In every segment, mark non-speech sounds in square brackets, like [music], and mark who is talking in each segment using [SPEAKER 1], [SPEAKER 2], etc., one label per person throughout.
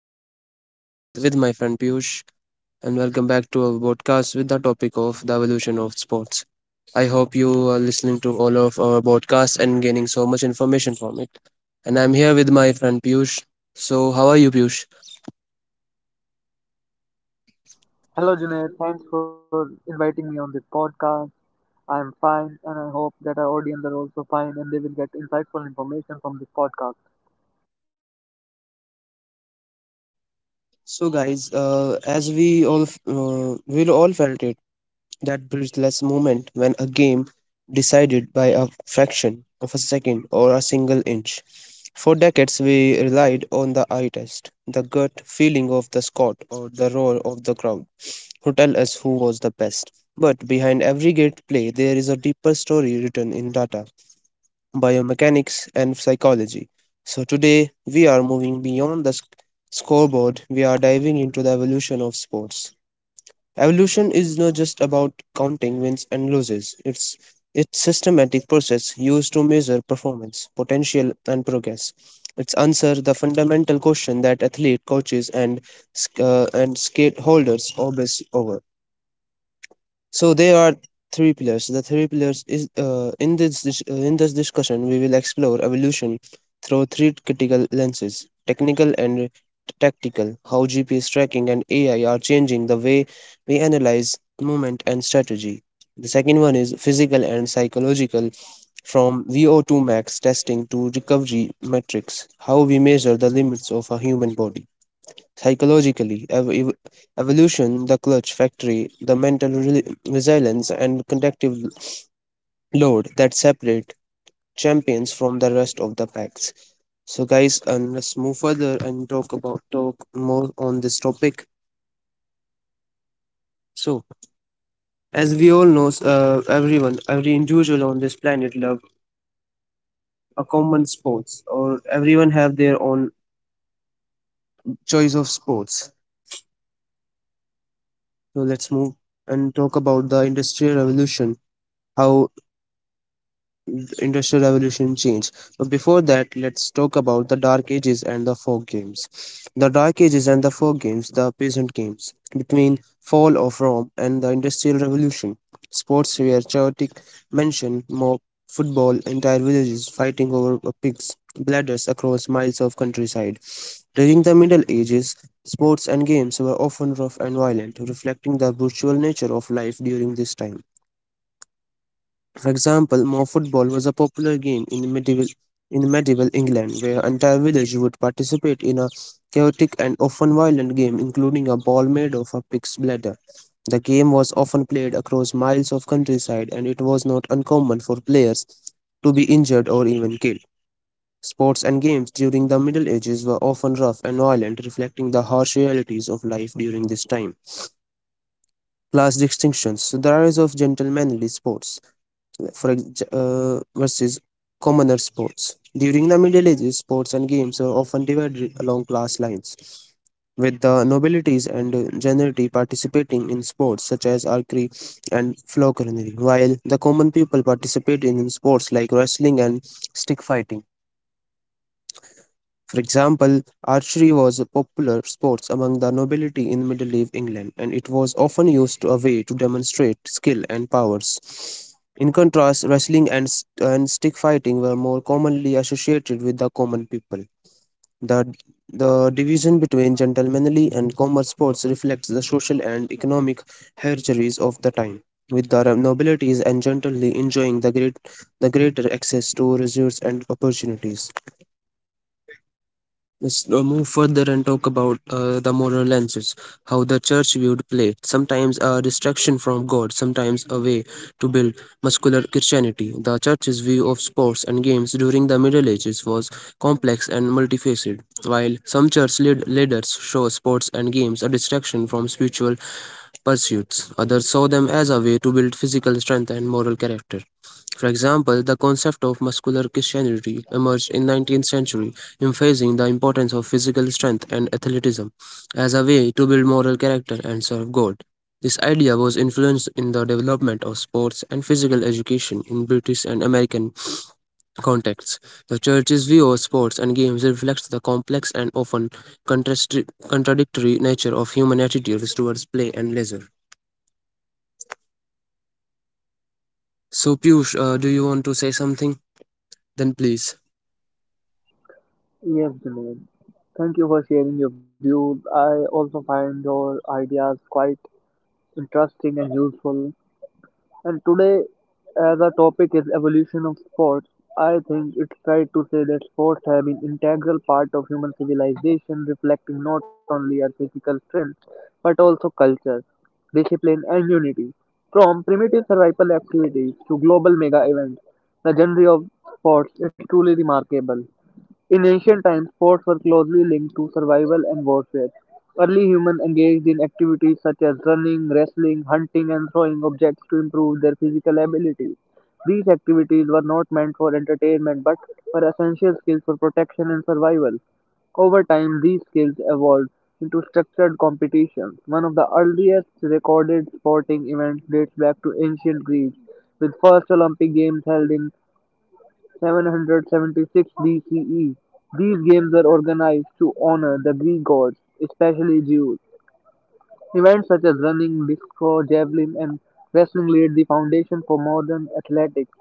[SPEAKER 1] your host Junaid with my friend Piyush, and welcome back to our podcast with the topic of the evolution of sports. I hope you are listening to all of our podcasts and gaining so much information from it. And I'm here with my friend Piyush. So how are you, Piyush?
[SPEAKER 2] Hello, Junaid. Thanks for inviting me on this podcast. I am fine, and I hope that our audience are also fine and they will get insightful information from this podcast.
[SPEAKER 1] So guys, as we all f- we all felt it. That breathless moment when a game decided by a fraction of a second or a single inch. For decades, we relied on the eye test, the gut feeling of the squad or the roar of the crowd, to tell us who was the best. But behind every great play, there is a deeper story written in data, biomechanics, and psychology. So today, we are moving beyond the scoreboard, we are diving into the evolution of sports. Evolution is not just about counting wins and losses. It's systematic process used to measure performance, potential and progress. It's answer the fundamental question that athlete coaches and stakeholders obsess over. So there are three pillars. The three pillars is, in this discussion we will explore evolution through three critical lenses: technical and tactical, how GPS tracking and AI are changing the way we analyze movement and strategy. The second one is physical and psychological, from VO2 max testing to recovery metrics, how we measure the limits of a human body. Psychologically, evolution, the clutch factory, the mental resilience, and conductive load that separate champions from the rest of the packs. So, guys, and let's move further and talk more on this topic. So, as we all know, every individual on this planet love a common sports, or everyone have their own choice of sports. So, let's move and talk about the industrial revolution, how industrial revolution change. But before that, let's talk about the dark ages and the folk games, the dark ages and the folk games the peasant games between fall of Rome and the Industrial Revolution. Sports were chaotic, mention mob football, entire villages fighting over pigs bladders across miles of countryside during the Middle Ages. Sports and games were often rough and violent, reflecting the brutal nature of life during this time. For example, Mo football was a popular game in medieval England, where entire village would participate in a chaotic and often violent game including a ball made of a pig's bladder. The game was often played across miles of countryside and it was not uncommon for players to be injured or even killed. Sports and games during the Middle Ages were often rough and violent, reflecting the harsh realities of life during this time. Class distinctions. The rise of gentlemanly sports for versus commoner sports. During the Middle Ages, sports and games were often divided along class lines, with the nobilities and gentry participating in sports such as archery and falconry, while the common people participated in sports like wrestling and stick fighting. For example, archery was a popular sport among the nobility in Middle Age England, and it was often used as a way to demonstrate skill and powers. In contrast, wrestling and, stick fighting were more commonly associated with the common people. The, the division between gentlemanly and common sports reflects the social and economic hierarchies of the time, with the nobilities and gentlemen enjoying the greater access to resources and opportunities. Let's move further and talk about the moral lenses, how the church viewed play, sometimes a distraction from God, sometimes a way to build muscular Christianity. The church's view of sports and games during the Middle Ages was complex and multifaceted. While some church leaders saw sports and games a distraction from spiritual pursuits, others saw them as a way to build physical strength and moral character. For example, the concept of muscular Christianity emerged in 19th century, emphasizing the importance of physical strength and athleticism as a way to build moral character and serve God. This idea was influenced in the development of sports and physical education in British and American contexts. The church's view of sports and games reflects the complex and often contradictory nature of human attitudes towards play and leisure. So, Piyush, do you want to say something? Then please.
[SPEAKER 2] Yes, Junaid. Thank you for sharing your views. I also find your ideas quite interesting and useful. And today, as our topic is evolution of sports, I think it's right to say that sports have been integral part of human civilization, reflecting not only our physical strength but also culture, discipline, and unity. From primitive survival activities to global mega events, the genre of sports is truly remarkable. In ancient times, sports were closely linked to survival and warfare. Early humans engaged in activities such as running, wrestling, hunting, and throwing objects to improve their physical abilities. These activities were not meant for entertainment but were essential skills for protection and survival. Over time, these skills evolved into structured competitions. One of the earliest recorded sporting events dates back to ancient Greece, with first Olympic Games held in 776 BCE. These games were organized to honor the Greek gods, especially Zeus. Events such as running, disco, javelin, and wrestling laid the foundation for modern athletics.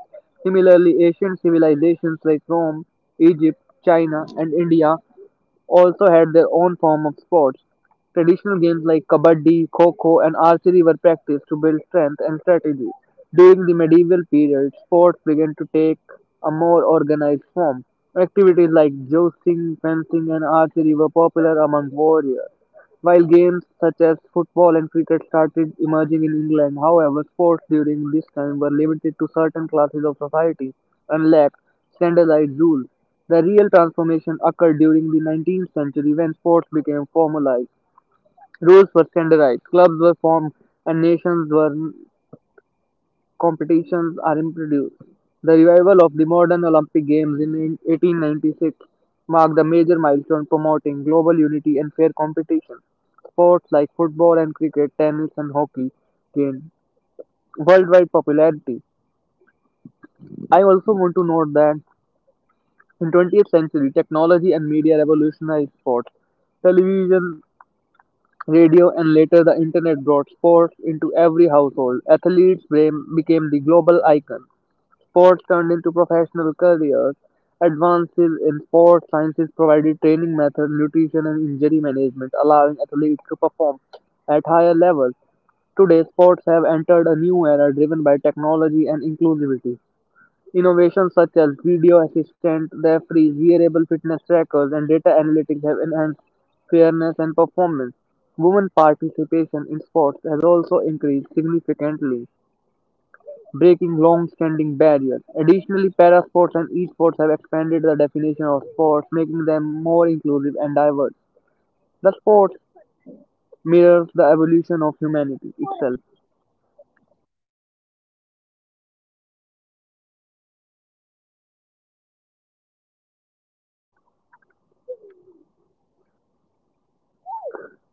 [SPEAKER 2] Similarly, ancient civilizations like Rome, Egypt, China, and India also had their own form of sports. Traditional games like kabaddi, kho kho, and archery were practiced to build strength and strategy. During the medieval period, sports began to take a more organized form. Activities like jousting, fencing, and archery were popular among warriors. While games such as football and cricket started emerging in England, however, sports during this time were limited to certain classes of society and lacked standardized rules. The real transformation occurred during the 19th century when sports became formalized. Rules were standardized, clubs were formed, and nations were competitions are introduced. The revival of the modern Olympic Games in 1896 marked a major milestone promoting global unity and fair competition. Sports like football and cricket, tennis and hockey gained worldwide popularity. I also want to note that in 20th century, technology and media revolutionized sports. Television, radio, and later the internet brought sports into every household. Athletes became the global icon. Sports turned into professional careers. Advances in sports sciences provided training methods, nutrition, and injury management, allowing athletes to perform at higher levels. Today, sports have entered a new era driven by technology and inclusivity. Innovations such as video assistant referees, wearable fitness trackers, and data analytics have enhanced fairness and performance. Women participation in sports has also increased significantly breaking long-standing barriers. Additionally, parasports and esports have expanded the definition of sports, making them more inclusive and diverse. The sport mirrors the evolution of humanity itself.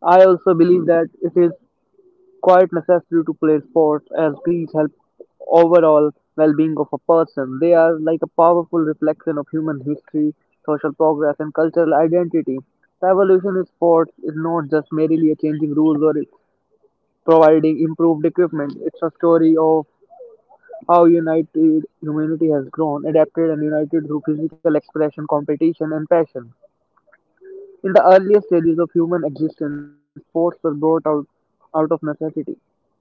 [SPEAKER 2] I also believe that it is quite necessary to play sports as these help overall well-being of a person. They are like a powerful reflection of human history, social progress, and cultural identity. The evolution of sports is not just merely a changing rules or providing improved equipment. It's a story of how united humanity has grown, adapted, and united through physical expression, competition, and passion. In the earliest stages of human existence, sports were brought out of necessity.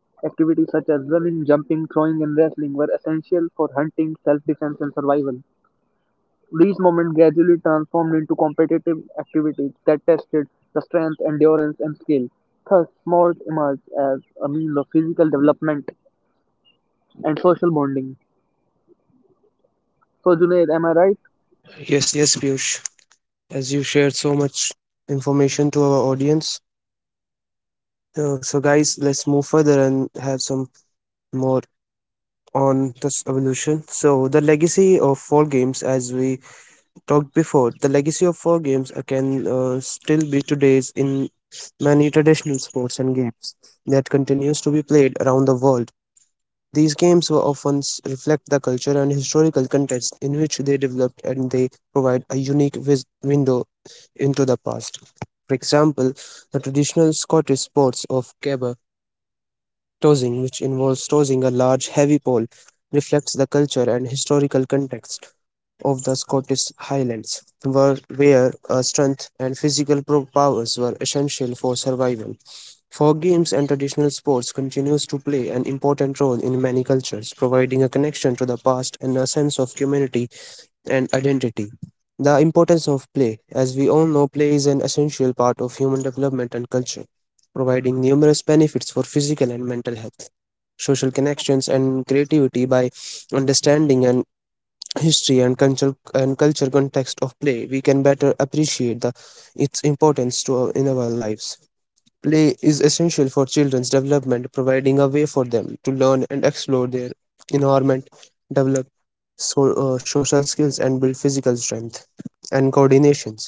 [SPEAKER 2] Activities such as running, jumping, throwing, and wrestling were essential for hunting, self defense, and survival. These moments gradually transformed into competitive activities that tested the strength, endurance, and skill. Thus, sports emerged as a means of physical development and social bonding. So, Junaid, am I right?
[SPEAKER 1] Yes, yes, Piyush, as you shared so much information to our audience. So, guys, let's move further and have some more on this evolution. So, the legacy of fall games, as we talked before, the legacy of fall games can still be today's in many traditional sports and games that continues to be played around the world. These games were often reflect the culture and historical context in which they developed, and they provide a unique window into the past. For example, the traditional Scottish sports of caber tossing, which involves tossing a large heavy pole, reflects the culture and historical context of the Scottish Highlands, where strength and physical powers were essential for survival. For games and traditional sports continues to play an important role in many cultures, providing a connection to the past and a sense of community and identity. The importance of play. As we all know, play is an essential part of human development and culture, providing numerous benefits for physical and mental health, social connections, and creativity. By understanding and history and culture context of play, we can better appreciate the its importance to in our lives. Play is essential for children's development, providing a way for them to learn and explore their environment, develop social skills and build physical strength and coordinations.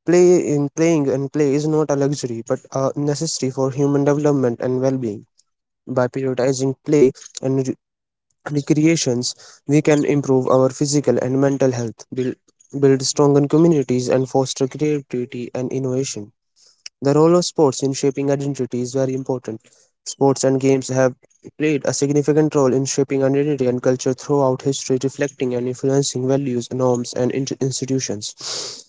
[SPEAKER 1] Play in playing and Play is not a luxury but a necessary for human development and well-being. By prioritizing play and recreations, we can improve our physical and mental health, build stronger communities, and foster creativity and innovation. The role of sports in shaping identity is very important. Sports and games have played a significant role in shaping identity and culture throughout history, reflecting and influencing values, norms, and institutions.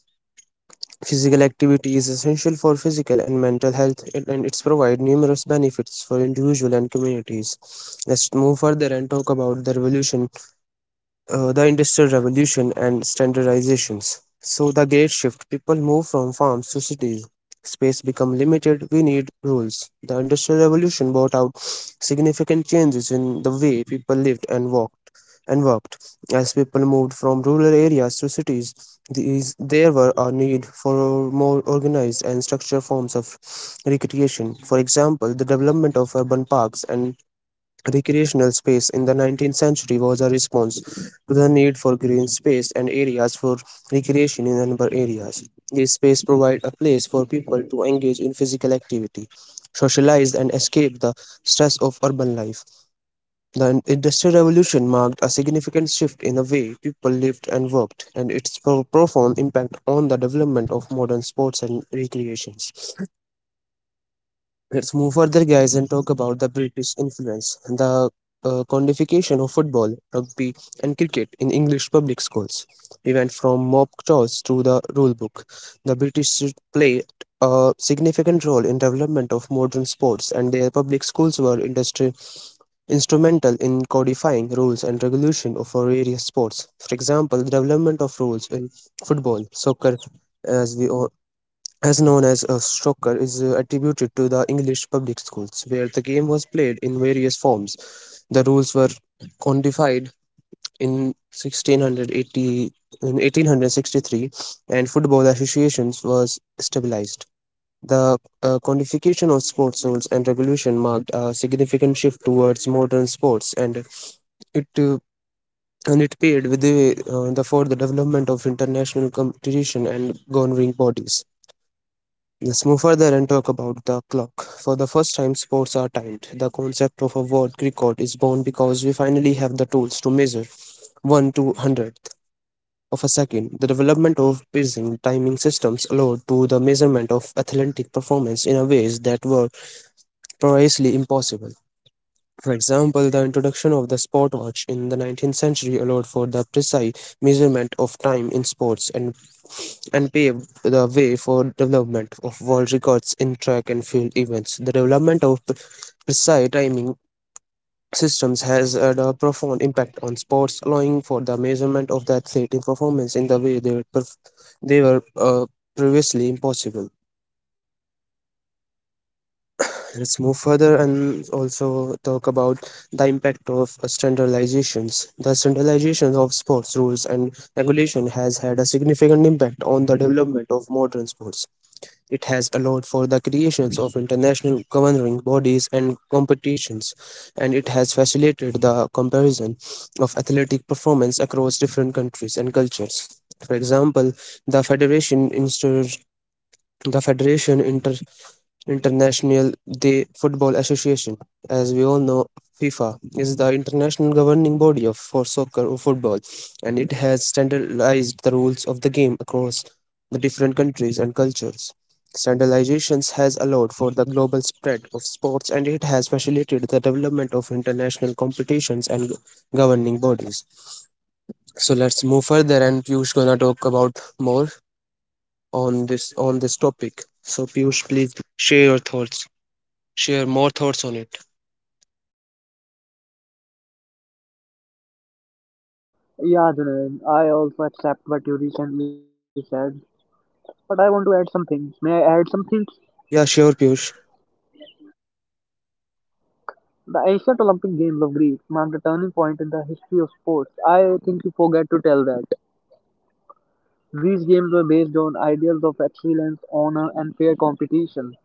[SPEAKER 1] Physical activity is essential for physical and mental health, and it's provide numerous benefits for individual and communities. Let's move further and talk about the revolution, the industrial revolution and standardizations. So the great shift, people move from farms to cities, space become limited, we need rules. The industrial revolution brought out significant changes in the way people lived and walked and worked. As people moved from rural areas to cities, there were a need for more organized and structured forms of recreation. For example, the development of urban parks and recreational space in the 19th century was a response to the need for green space and areas for recreation in urban areas. These spaces provide a place for people to engage in physical activity, socialize, and escape the stress of urban life. The Industrial Revolution marked a significant shift in the way people lived and worked, and its profound impact on the development of modern sports and recreations. Let's move further, guys, and talk about the British influence, the codification of football, rugby, and cricket in English public schools. We went from mob toss to the rule book. The British played a significant role in development of modern sports, and their public schools were industry instrumental in codifying rules and regulation of various sports. For example, the development of rules in football, soccer, as we all as known as a snooker, is attributed to the English public schools, where the game was played in various forms. The rules were codified in 1680, in 1863, and football associations was stabilized. The codification of sports rules and regulation marked a significant shift towards modern sports, and it uh, it paved with the way the for the development of international competition and governing bodies. Let's move further and talk about the clock. For the first time, sports are timed. The concept of a world record is born because we finally have the tools to measure 1/200th of a second. The development of pacing timing systems allowed to the measurement of athletic performance in a ways that were previously impossible. For example, the introduction of the sport watch in the 19th century allowed for the precise measurement of time in sports and paved the way for development of world records in track and field events. The development of precise timing systems has had a profound impact on sports, allowing for the measurement of the athletic performance in the way they were previously impossible. Let's move further and also talk about the impact of standardizations. The standardization of sports rules and regulation has had a significant impact on the development of modern sports. It has allowed for the creations of international governing bodies and competitions, and it has facilitated the comparison of athletic performance across different countries and cultures. For example, the federation instors the federation inter International the Football Association. As we all know, FIFA is the international governing body of for soccer or football, and it has standardized the rules of the game across the different countries and cultures. Standardizations has allowed for the global spread of sports, and it has facilitated the development of international competitions and governing bodies. So let's move further and Piyush gonna talk about more on this topic. So Piyush, please share more thoughts on it.
[SPEAKER 2] Yeah, Junaid, I also accept what you recently said, but I want to add some things. May I add some things?
[SPEAKER 1] Yeah, sure, Piyush.
[SPEAKER 2] The ancient Olympic Games of Greece marked a turning point in the history of sports. I think you forget to tell that. These games were based on ideals of excellence, honor, and fair competition.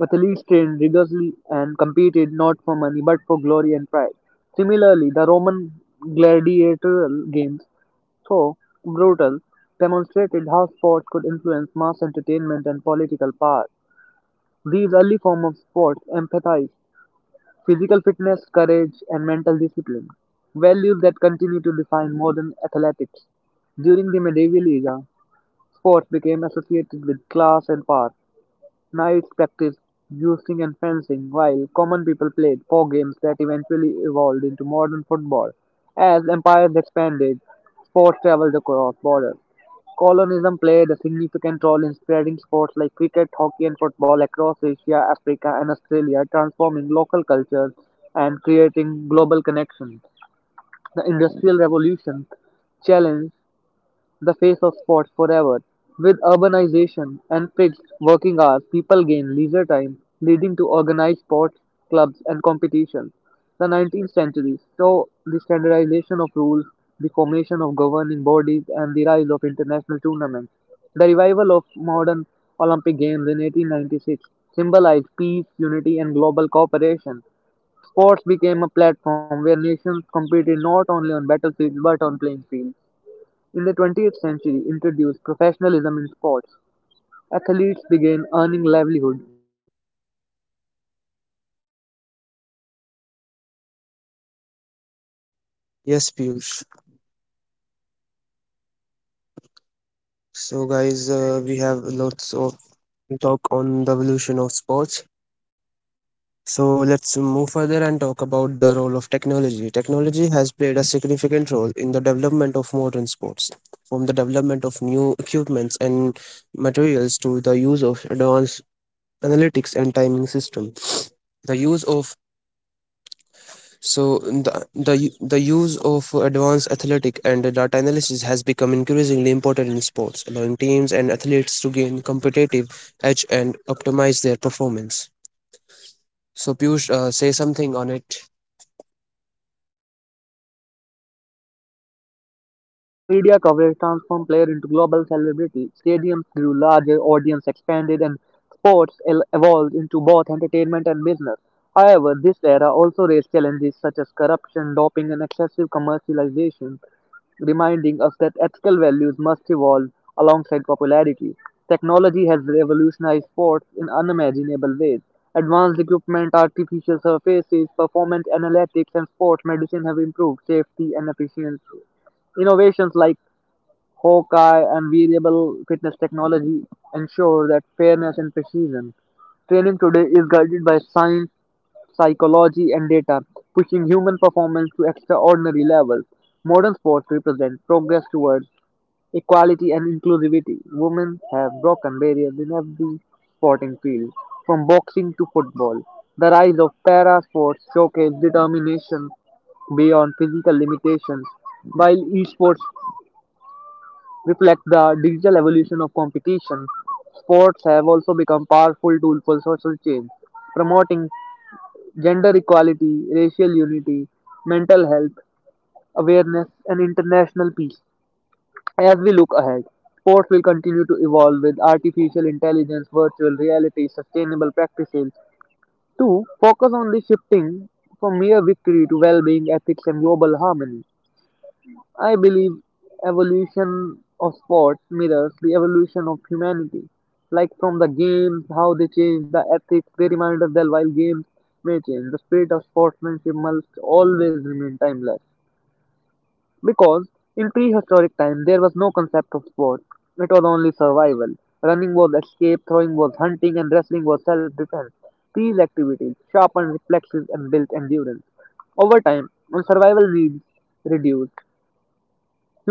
[SPEAKER 2] Athletes trained rigorously and competed not for money but for glory and pride. Similarly, the Roman gladiatorial games, though brutal, demonstrated how sports could influence mass entertainment and political power. These early forms of sports emphasized physical fitness, courage, and mental discipline, values that continue to define modern athletics. During the medieval era, sports became associated with class and power. Knights practiced using and fencing, while common people played four games that eventually evolved into modern football. As empires expanded, sports traveled across borders. Colonism played a significant role in spreading sports like cricket, hockey, and football across Asia, Africa, and Australia, transforming local cultures and creating global connections. The Industrial Revolution challenged the face of sports forever. With urbanization and fixed working hours, people gain leisure time, leading to organized sports clubs and competitions. The 19th century saw the standardization of rules, the formation of governing bodies, and the rise of international tournaments. The revival of modern Olympic Games in 1896 symbolized peace, unity, and global cooperation. Sports became a platform where nations competed not only on battlefields but on playing fields. In the 20th century introduced professionalism in sports. Athletes began earning livelihood.
[SPEAKER 1] Yes, Piyush. So, guys, we have lots of talk on the evolution of sports. So, let's move further and talk about the role of technology. Technology has played a significant role in the development of modern sports, from the development of new equipments and materials to the use of advanced analytics and timing system. The use of So the use of advanced athletic and data analysis has become increasingly important in sports, allowing teams and athletes to gain competitive edge and optimize their performance. So Piyush, say something on it.
[SPEAKER 2] Yeah, Junaid, I also feel that. Like media coverage transformed player into global celebrity, stadiums grew larger, audience expanded, and sports evolved into both entertainment and business. However, this era also raised challenges such as corruption, doping, and excessive commercialization, reminding us that ethical values must evolve alongside popularity. Technology has revolutionized sports in unimaginable ways. Advanced equipment, artificial surfaces, performance analytics, and sports medicine have improved safety and efficiency. Innovations like Hawkeye and variable fitness technology ensure that fairness and precision. Training today is guided by science, psychology, and data, pushing human performance to extraordinary levels. Modern sports represent progress towards equality and inclusivity. Women have broken barriers in every sporting field, from boxing to football. The rise of para sports showcase determination beyond physical limitations. While esports reflect the digital evolution of competition, sports have also become powerful tools for social change, promoting gender equality, racial unity, mental health awareness, and international peace. As we look ahead, sports will continue to evolve with artificial intelligence, virtual reality, sustainable practices to focus on the shifting from mere victory to well being, ethics, and global harmony. I believe evolution of sports mirrors the evolution of humanity. Like from the games, how they change the ethics, they remind us that while games may change, the spirit of sportsmanship must always remain timeless. Because in prehistoric time, there was no concept of sport. It was only survival. Running was escape, throwing was hunting, and wrestling was self-defense. These activities sharpened reflexes and built endurance. Over time, when survival needs reduced,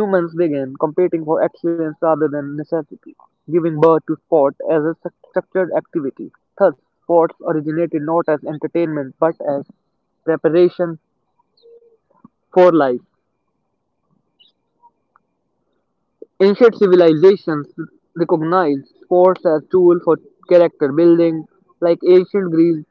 [SPEAKER 2] humans began competing for excellence rather than necessity, giving birth to sport as a structured activity. Thus, sports originated not as entertainment but as preparation for life. Ancient civilizations recognized sports as tool for character building, like ancient Greece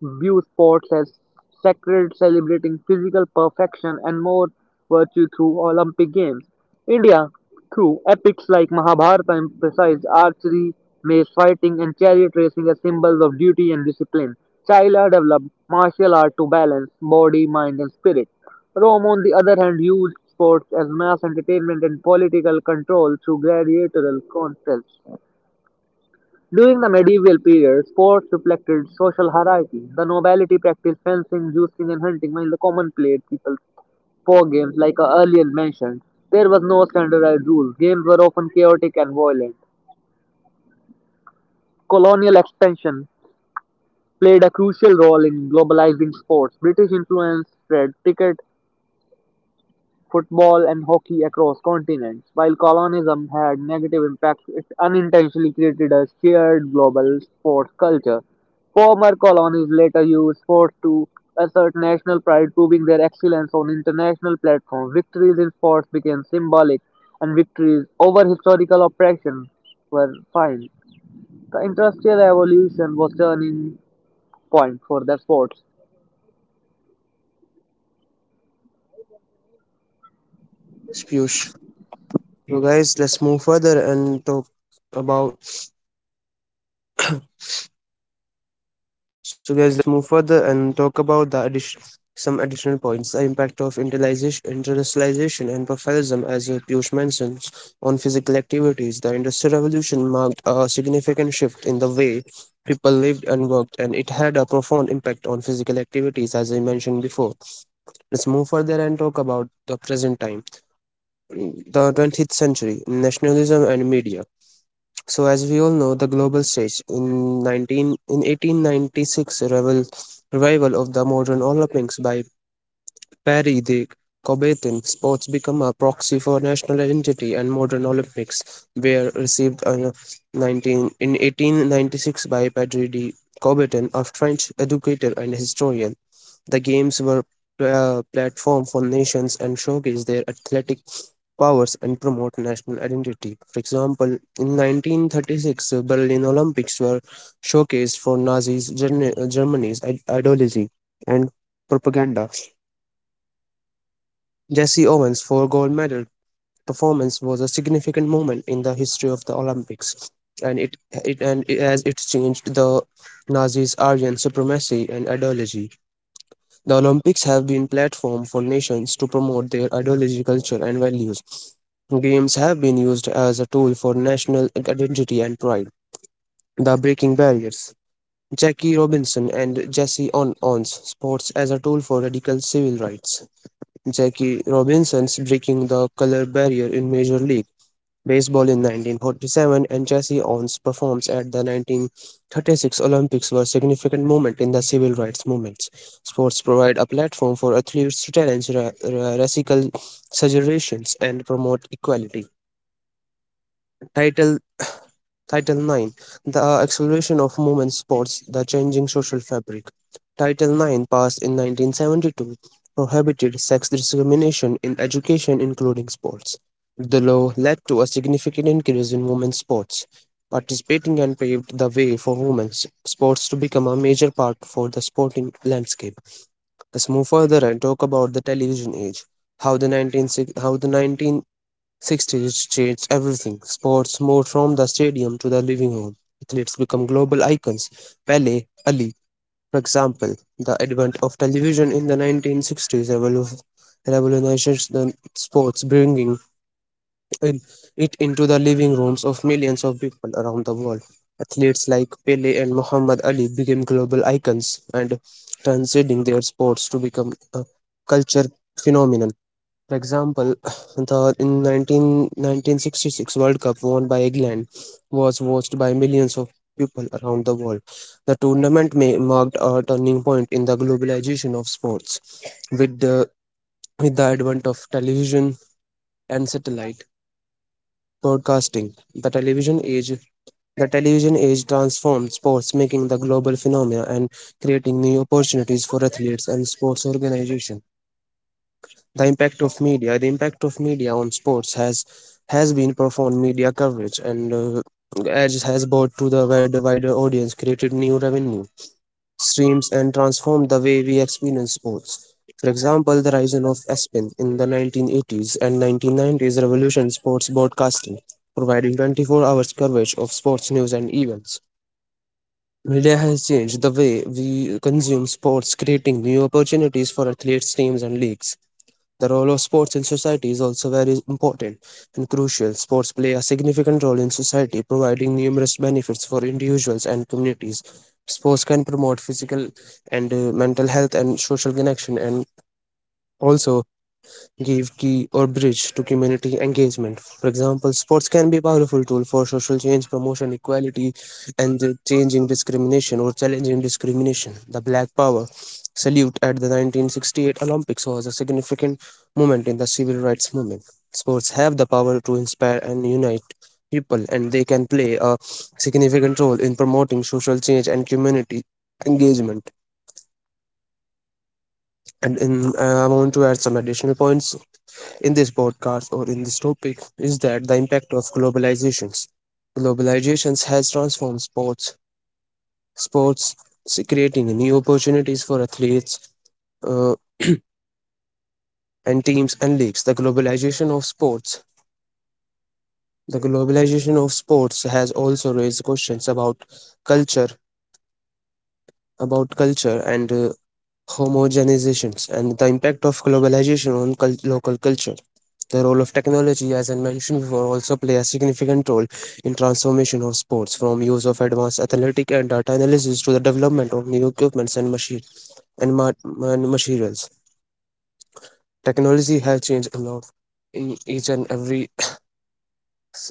[SPEAKER 2] view sports as sacred, celebrating physical perfection and more virtue through Olympic Games. India, through epics like Mahabharata, emphasized archery, mace fighting, and chariot racing as symbols of duty and discipline. China developed martial art to balance body, mind, and spirit. Rome, on the other hand, used sports as mass entertainment and political control through gladiatorial contests. During the medieval period, sports reflected social hierarchy. The nobility practiced fencing, juicing, and hunting, while the common played people's four games, like earlier mentioned. There was no standardized rules. Games were often chaotic and violent. Colonial expansion played a crucial role in globalizing sports. British influence spread cricket football and hockey across continents. While colonialism had negative impacts, it unintentionally created a shared global sports culture. Former colonies later used sports to assert national pride, proving their excellence on international platforms. Victories in sports became symbolic, and victories over historical oppression were fine. The industrial revolution was turning point for the sports.
[SPEAKER 1] Yes, Piyush. So guys, let's move further and talk about So, guys, let's move further and talk about some additional points. The impact of industrialization and professionalism, as Piyush mentions, on physical activities. The Industrial Revolution marked a significant shift in the way people lived and worked, and it had a profound impact on physical activities, as I mentioned before. Let's move further and talk about the present time, the 20th century, nationalism, and media. So, as we all know, the global stage in 1896, revel, revival revival of the modern Olympics by Paris de Coubertin, sports become a proxy for national identity, and modern Olympics were received in 1896 by Paris de Coubertin, a French educator and historian. The games were a platform for nations and showcased their athletic powers and promote national identity. For example, in 1936, Berlin Olympics were showcased for Nazis Germany's ideology and propaganda. Jesse Owens' four gold medal performance was a significant moment in the history of the Olympics, and it and as it changed the Nazis' Aryan supremacy and ideology. The Olympics have been platform for nations to promote their ideology, culture, and values. Games have been used as a tool for national identity and pride. The breaking barriers. Jackie Robinson and Jesse Owens. Sports as a tool for radical civil rights. Jackie Robinson's breaking the color barrier in Major League baseball in 1947, and Jesse Owens performs at the 1936 Olympics were significant moments in the civil rights movements. Sports provide a platform for athletes to challenge racial segregations and promote equality. Title Title 9. The Acceleration of Movement Sports, the Changing Social Fabric. Title 9, passed in 1972, prohibited sex discrimination in education, including sports. The law led to a significant increase in women's sports participating and paved the way for women's sports to become a major part for the sporting landscape. Let's move further and talk about the television age. How the 19, how the 1960s changed everything. Sports moved from the stadium to the living room. Athletes become global icons. Pele, Ali, for example. The advent of television in the 1960s revolutionized the sports, bringing in- it into the living rooms of millions of people around the world. Athletes like Pele and Muhammad Ali became global icons and transcending their sports to become a culture phenomenon. For example, [clears throat] the 1966 World Cup won by England was watched by millions of people around the world. The tournament may marked a turning point in the globalization of sports with the with the advent of television and satellite broadcasting. The television age transformed sports, making the global phenomena and creating new opportunities for athletes and sports organizations. The impact of media on sports has been profound. Media coverage and as has brought to the wider audience, created new revenue streams, and transformed the way we experience sports. For example, the rise of ESPN in the 1980s and 1990s revolutionized sports broadcasting, providing 24 hours coverage of sports news and events. Media has changed the way we consume sports, creating new opportunities for athletes, teams, and leagues. The role of sports in society is also very important and crucial. Sports play a significant role in society, providing numerous benefits for individuals and communities. Sports can promote physical and mental health and social connection, and also give key or bridge to community engagement. For example, sports can be a powerful tool for social change, promotion, equality, and changing discrimination or challenging discrimination. The Black Power salute at the 1968 Olympics was a significant moment in the civil rights movement. Sports have the power to inspire and unite people, and they can play a significant role in promoting social change and community engagement. And I want to add some additional points in this podcast, or in this topic is that the impact of globalizations. Globalizations has transformed sports, sports creating new opportunities for athletes uh, and teams and leagues. The globalization of sports has also raised questions culture, about culture and homogenizations and the impact of globalization on local culture. The role of technology, as I mentioned before, also play a significant role in transformation of sports, from use of advanced athletic and data analysis to the development of new equipments and machine and, ma- and materials. Technology has changed a lot in each and every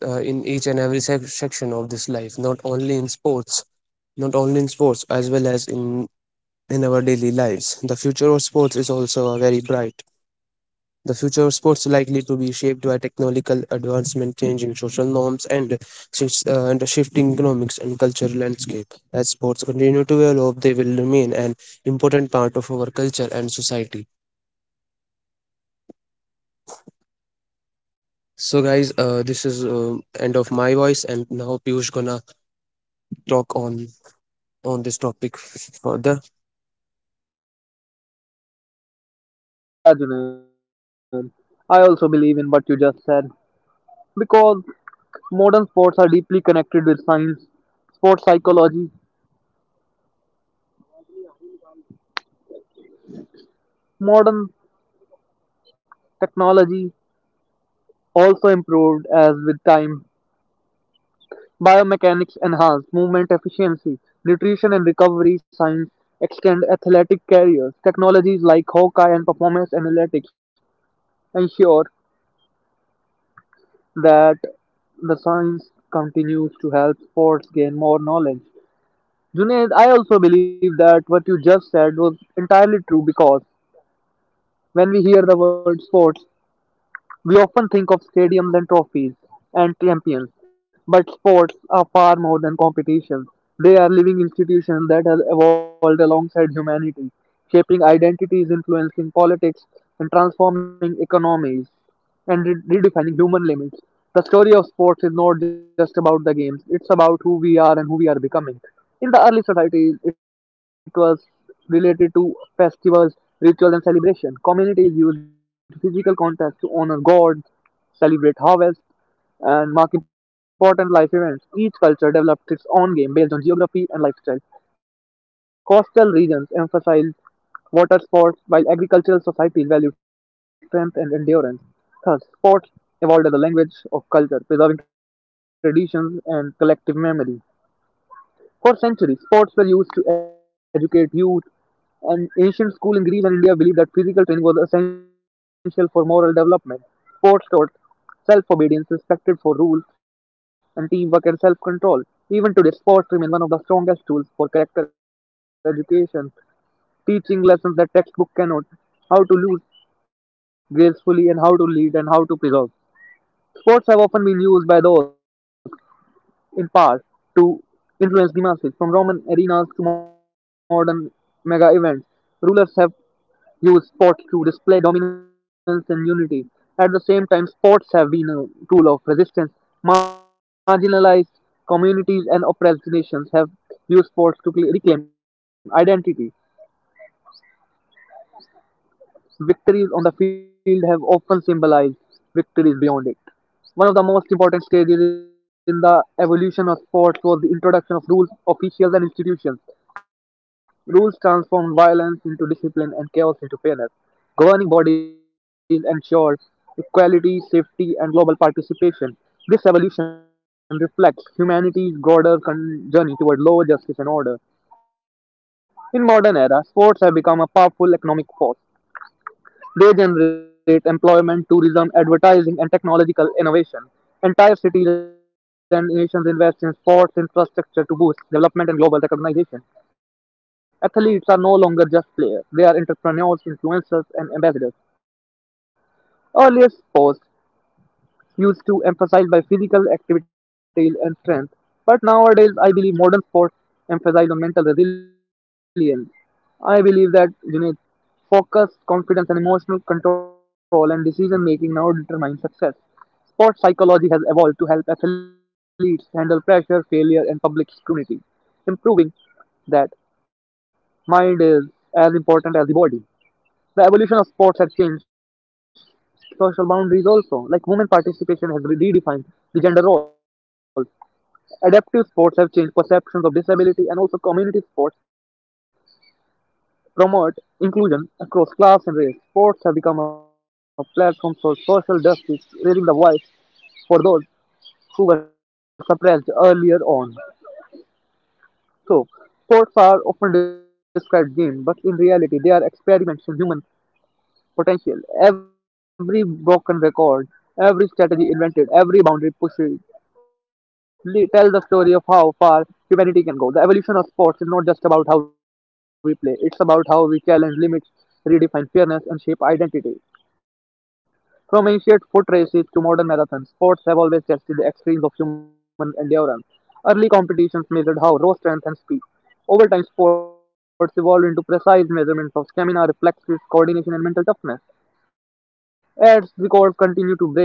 [SPEAKER 1] in each and every section of this life, not only in sports, as well as in our daily lives. The future of sports is also a very bright The future of sports is likely to be shaped by technological advancement, changing social norms, and a shifting economics and cultural landscape. As sports continue to develop, they will remain an important part of our culture and society. So, guys, this is end of my voice, and now Piyush gonna talk on this topic further.
[SPEAKER 2] Yeah, Junaid, I also believe in what you just said because modern sports are deeply connected with science, sports psychology, modern technology also improved as with time. Biomechanics enhanced movement efficiency, nutrition and recovery science extend athletic careers. Technologies like Hawkeye and performance analytics ensure that the science continues to help sports gain more knowledge. Junaid, I also believe that what you just said was entirely true because when we hear the word sports, we often think of stadiums and trophies and champions, but sports are far more than competitions. They are living institutions that have evolved alongside humanity, shaping identities, influencing politics, and transforming economies, and redefining human limits. The story of sports is not just about the games, it's about who we are and who we are becoming. In the early societies, it was related to festivals, rituals, and celebration. Communities used physical contact to honor gods, celebrate harvests, and mark important life events. Each culture developed its own game based on geography and lifestyle. Coastal regions emphasized water sports, while agricultural societies valued strength and endurance. Thus, sports evolved as a language of culture, preserving traditions and collective memory. For centuries, sports were used to educate youth, and ancient schools in Greece and India believed that physical training was essential for moral development. Sports taught self obedience, respect for rules, and teamwork and self control. Even today, sports remain one of the strongest tools for character education, teaching lessons that textbook cannot, how to lose gracefully and how to lead and how to preserve. Sports have often been used by those in part, to influence the masses. From Roman arenas to modern mega events, rulers have used sports to display dominance and unity. At the same time, sports have been a tool of resistance. Marginalized communities and oppressed nations have used sports to reclaim identity. Victories on the field have often symbolized victories beyond it. One of the most important stages in the evolution of sports was the introduction of rules, officials, and institutions. Rules transformed violence into discipline and chaos into fairness. Governing bodies ensured equality, safety, and global participation. This evolution reflects humanity's broader journey toward law, justice, and order. In modern era, sports have become a powerful economic force. They generate employment, tourism, advertising, and technological innovation. Entire cities and nations invest in sports infrastructure to boost development and global recognition. Athletes are no longer just players, they are entrepreneurs, influencers, and ambassadors. Earlier sports used to emphasized by physical activity and strength, but nowadays I believe modern sports emphasize on mental resilience. I believe that you need focus, confidence, and emotional control and decision making now determine success. Sports psychology has evolved to help athletes handle pressure, failure, and public scrutiny, improving that mind is as important as the body. The evolution of sports has changed social boundaries also, like women participation has redefined the gender role. Adaptive sports have changed perceptions of disability and also community sports promote inclusion across class and race. Sports have become a platform for social justice, raising the voice for those who were suppressed earlier on. So, sports are often described games, but in reality they are experiments in human potential, every broken record, every strategy invented, every boundary pushed, tell the story of how far humanity can go. The evolution of sports is not just about how we play, it's about how we challenge limits, redefine fairness, and shape identity. From ancient foot races to modern marathons, sports have always tested the extremes of human endurance. Early competitions measured how raw strength and speed. Over time, sports evolved into precise measurements of stamina, reflexes, coordination, and mental toughness. As records continue to break,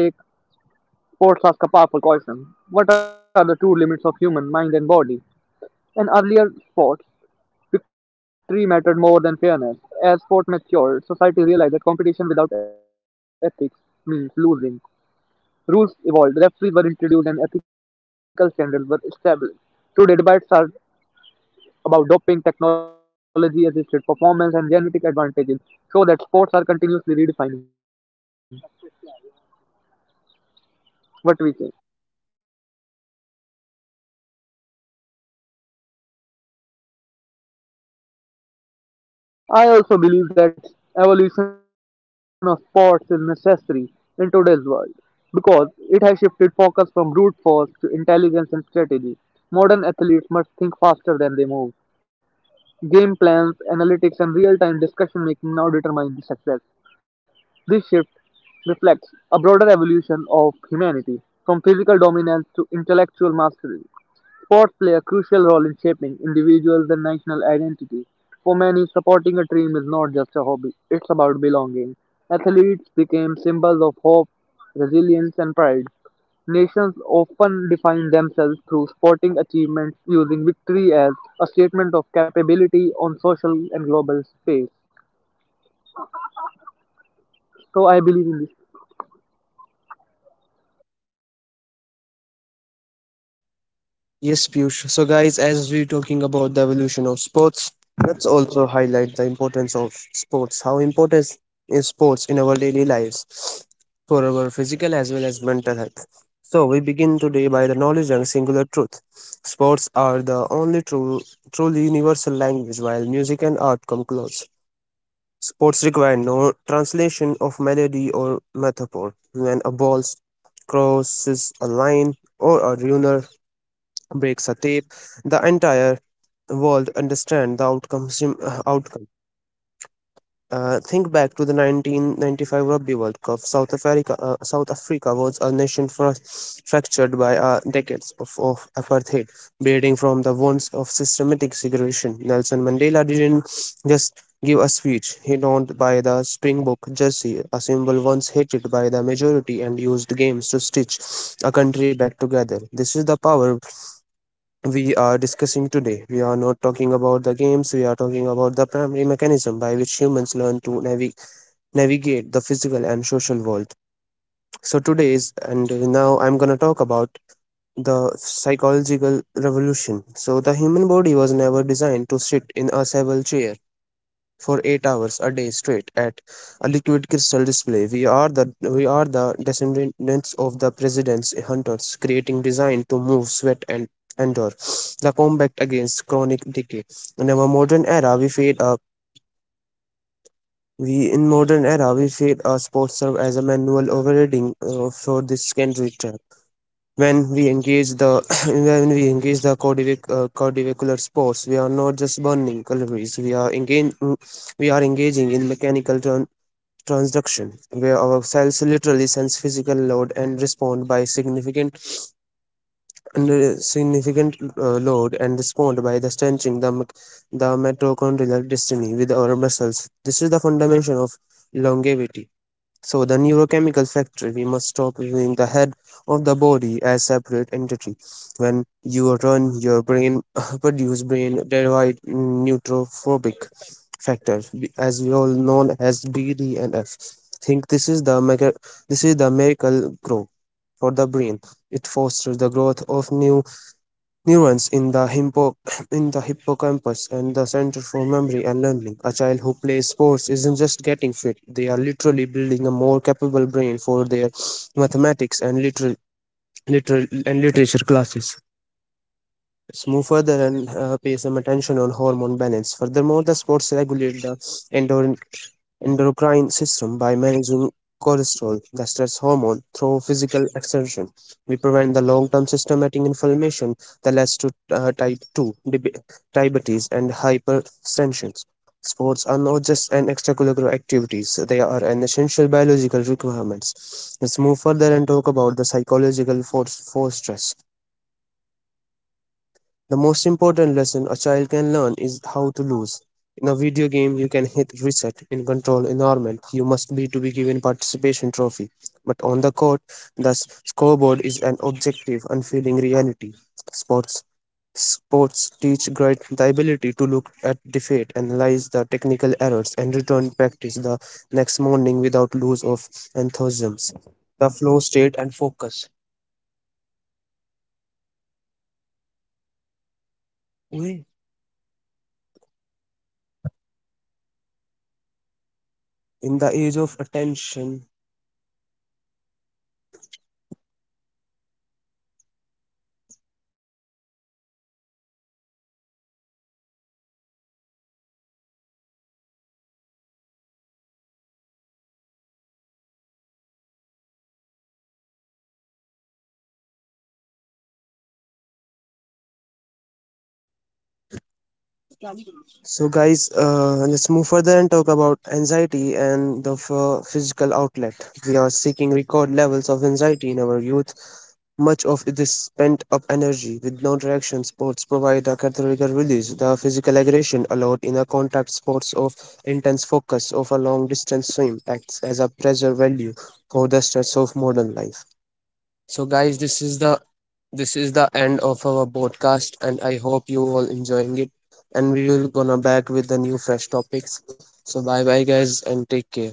[SPEAKER 2] sports ask a powerful question: what are the true limits of human mind and body? In earlier sports, victory mattered more than fairness. As sport matured, society realized that competition without ethics means losing. Rules evolved, referees were introduced, and ethical standards were established. Today, debates are about doping, technology assisted performance, and genetic advantages, show that sports are continuously redefining what we think. I also believe that evolution of sports is necessary in today's world because it has shifted focus from brute force to intelligence and strategy. Modern athletes must think faster than they move. Game plans, analytics, and real time discussion making now determine the success. This shift reflects a broader evolution of humanity from physical dominance to intellectual mastery. Sports play a crucial role in shaping individuals and national identity. For many, supporting a dream is not just a hobby, it's about belonging. Athletes became symbols of hope, resilience, and pride. Nations often define themselves through sporting achievements, using victory as a statement of capability on social and global space. So I believe in this.
[SPEAKER 1] Yes, Piyush. So, guys, as we're talking about the evolution of sports, let's also highlight the importance of sports. How important is sports in our daily lives for our physical as well as mental health? So, we begin today by the knowledge and singular truth. Sports are the only truly universal language, while music and art come close. Sports require no translation of melody or metaphor. When a ball crosses a line or a runner breaks a tape, the entire world understand the outcome. Think back to the 1995 Rugby World Cup. South Africa was a nation fractured by decades of apartheid, bleeding from the wounds of systematic segregation. Nelson Mandela didn't just give a speech. He donned by the Springbok jersey, a symbol once hated by the majority, and used games to stitch a country back together. This is the power we are discussing today. We are not talking about the games, we are talking about the primary mechanism by which humans learn to navigate the physical and social world. So, today's and now I'm gonna talk about the psychological revolution. So, the human body was never designed to sit in a swivel chair for 8 hours a day straight at a liquid crystal display. We are the descendants of the president's hunters, creating designed to move, sweat, and endure the combat against chronic decay. In our modern era, we fade a we in modern era we fade a sports serve as a manual overriding for this secondary trap. When we engage the [coughs] when we engage the cardiovascular sports, we are not just burning calories. We are engaging in mechanical turn transduction, where our cells literally sense physical load and respond by the strengthening the mitochondrial destiny with our muscles. This is the foundation of longevity. So the neurochemical factory, we must stop viewing the head of the body as separate entity. When you run your brain, [laughs] produce brain derived neurotrophic factor, as we all known as BDNF. Think, this is the miracle grow for the brain. It fosters the growth of new neurons in the hippo [clears throat] in the hippocampus and the center for memory and learning. A child who plays sports isn't just getting fit; they are literally building a more capable brain for their mathematics and literal, literal and literature classes. Let's move further and pay some attention on hormone balance. Furthermore, the sports regulate the endor- endocrine system by managing cholesterol, the stress hormone, through physical exertion. We prevent the long-term systematic inflammation that leads to type 2 diabetes and hypertension. Sports are not just an extracurricular activities, they are an essential biological requirements. Let's move further and talk about the psychological force for stress. The most important lesson a child can learn is how to lose. In a video game, you can hit reset. In control environment, you must be to be given participation trophy. But on the court, the scoreboard is an objective, unfeeling reality. Sports Sports teach great the ability to look at defeat, analyze the technical errors, and return practice the next morning without loss of enthusiasm. The flow state and focus. In the age of attention So, guys, let's move further and talk about anxiety and the physical outlet. We are seeking record levels of anxiety in our youth. Much of this spent up energy with no direction, sports provide a cathartic release. The physical aggression allowed in a contact sports of intense focus of a long distance swim acts as a pressure value for the stress of modern life. So guys, this is the end of our podcast and I hope you all enjoying it, and we will gonna back with the new fresh topics. So bye bye, guys, and take care.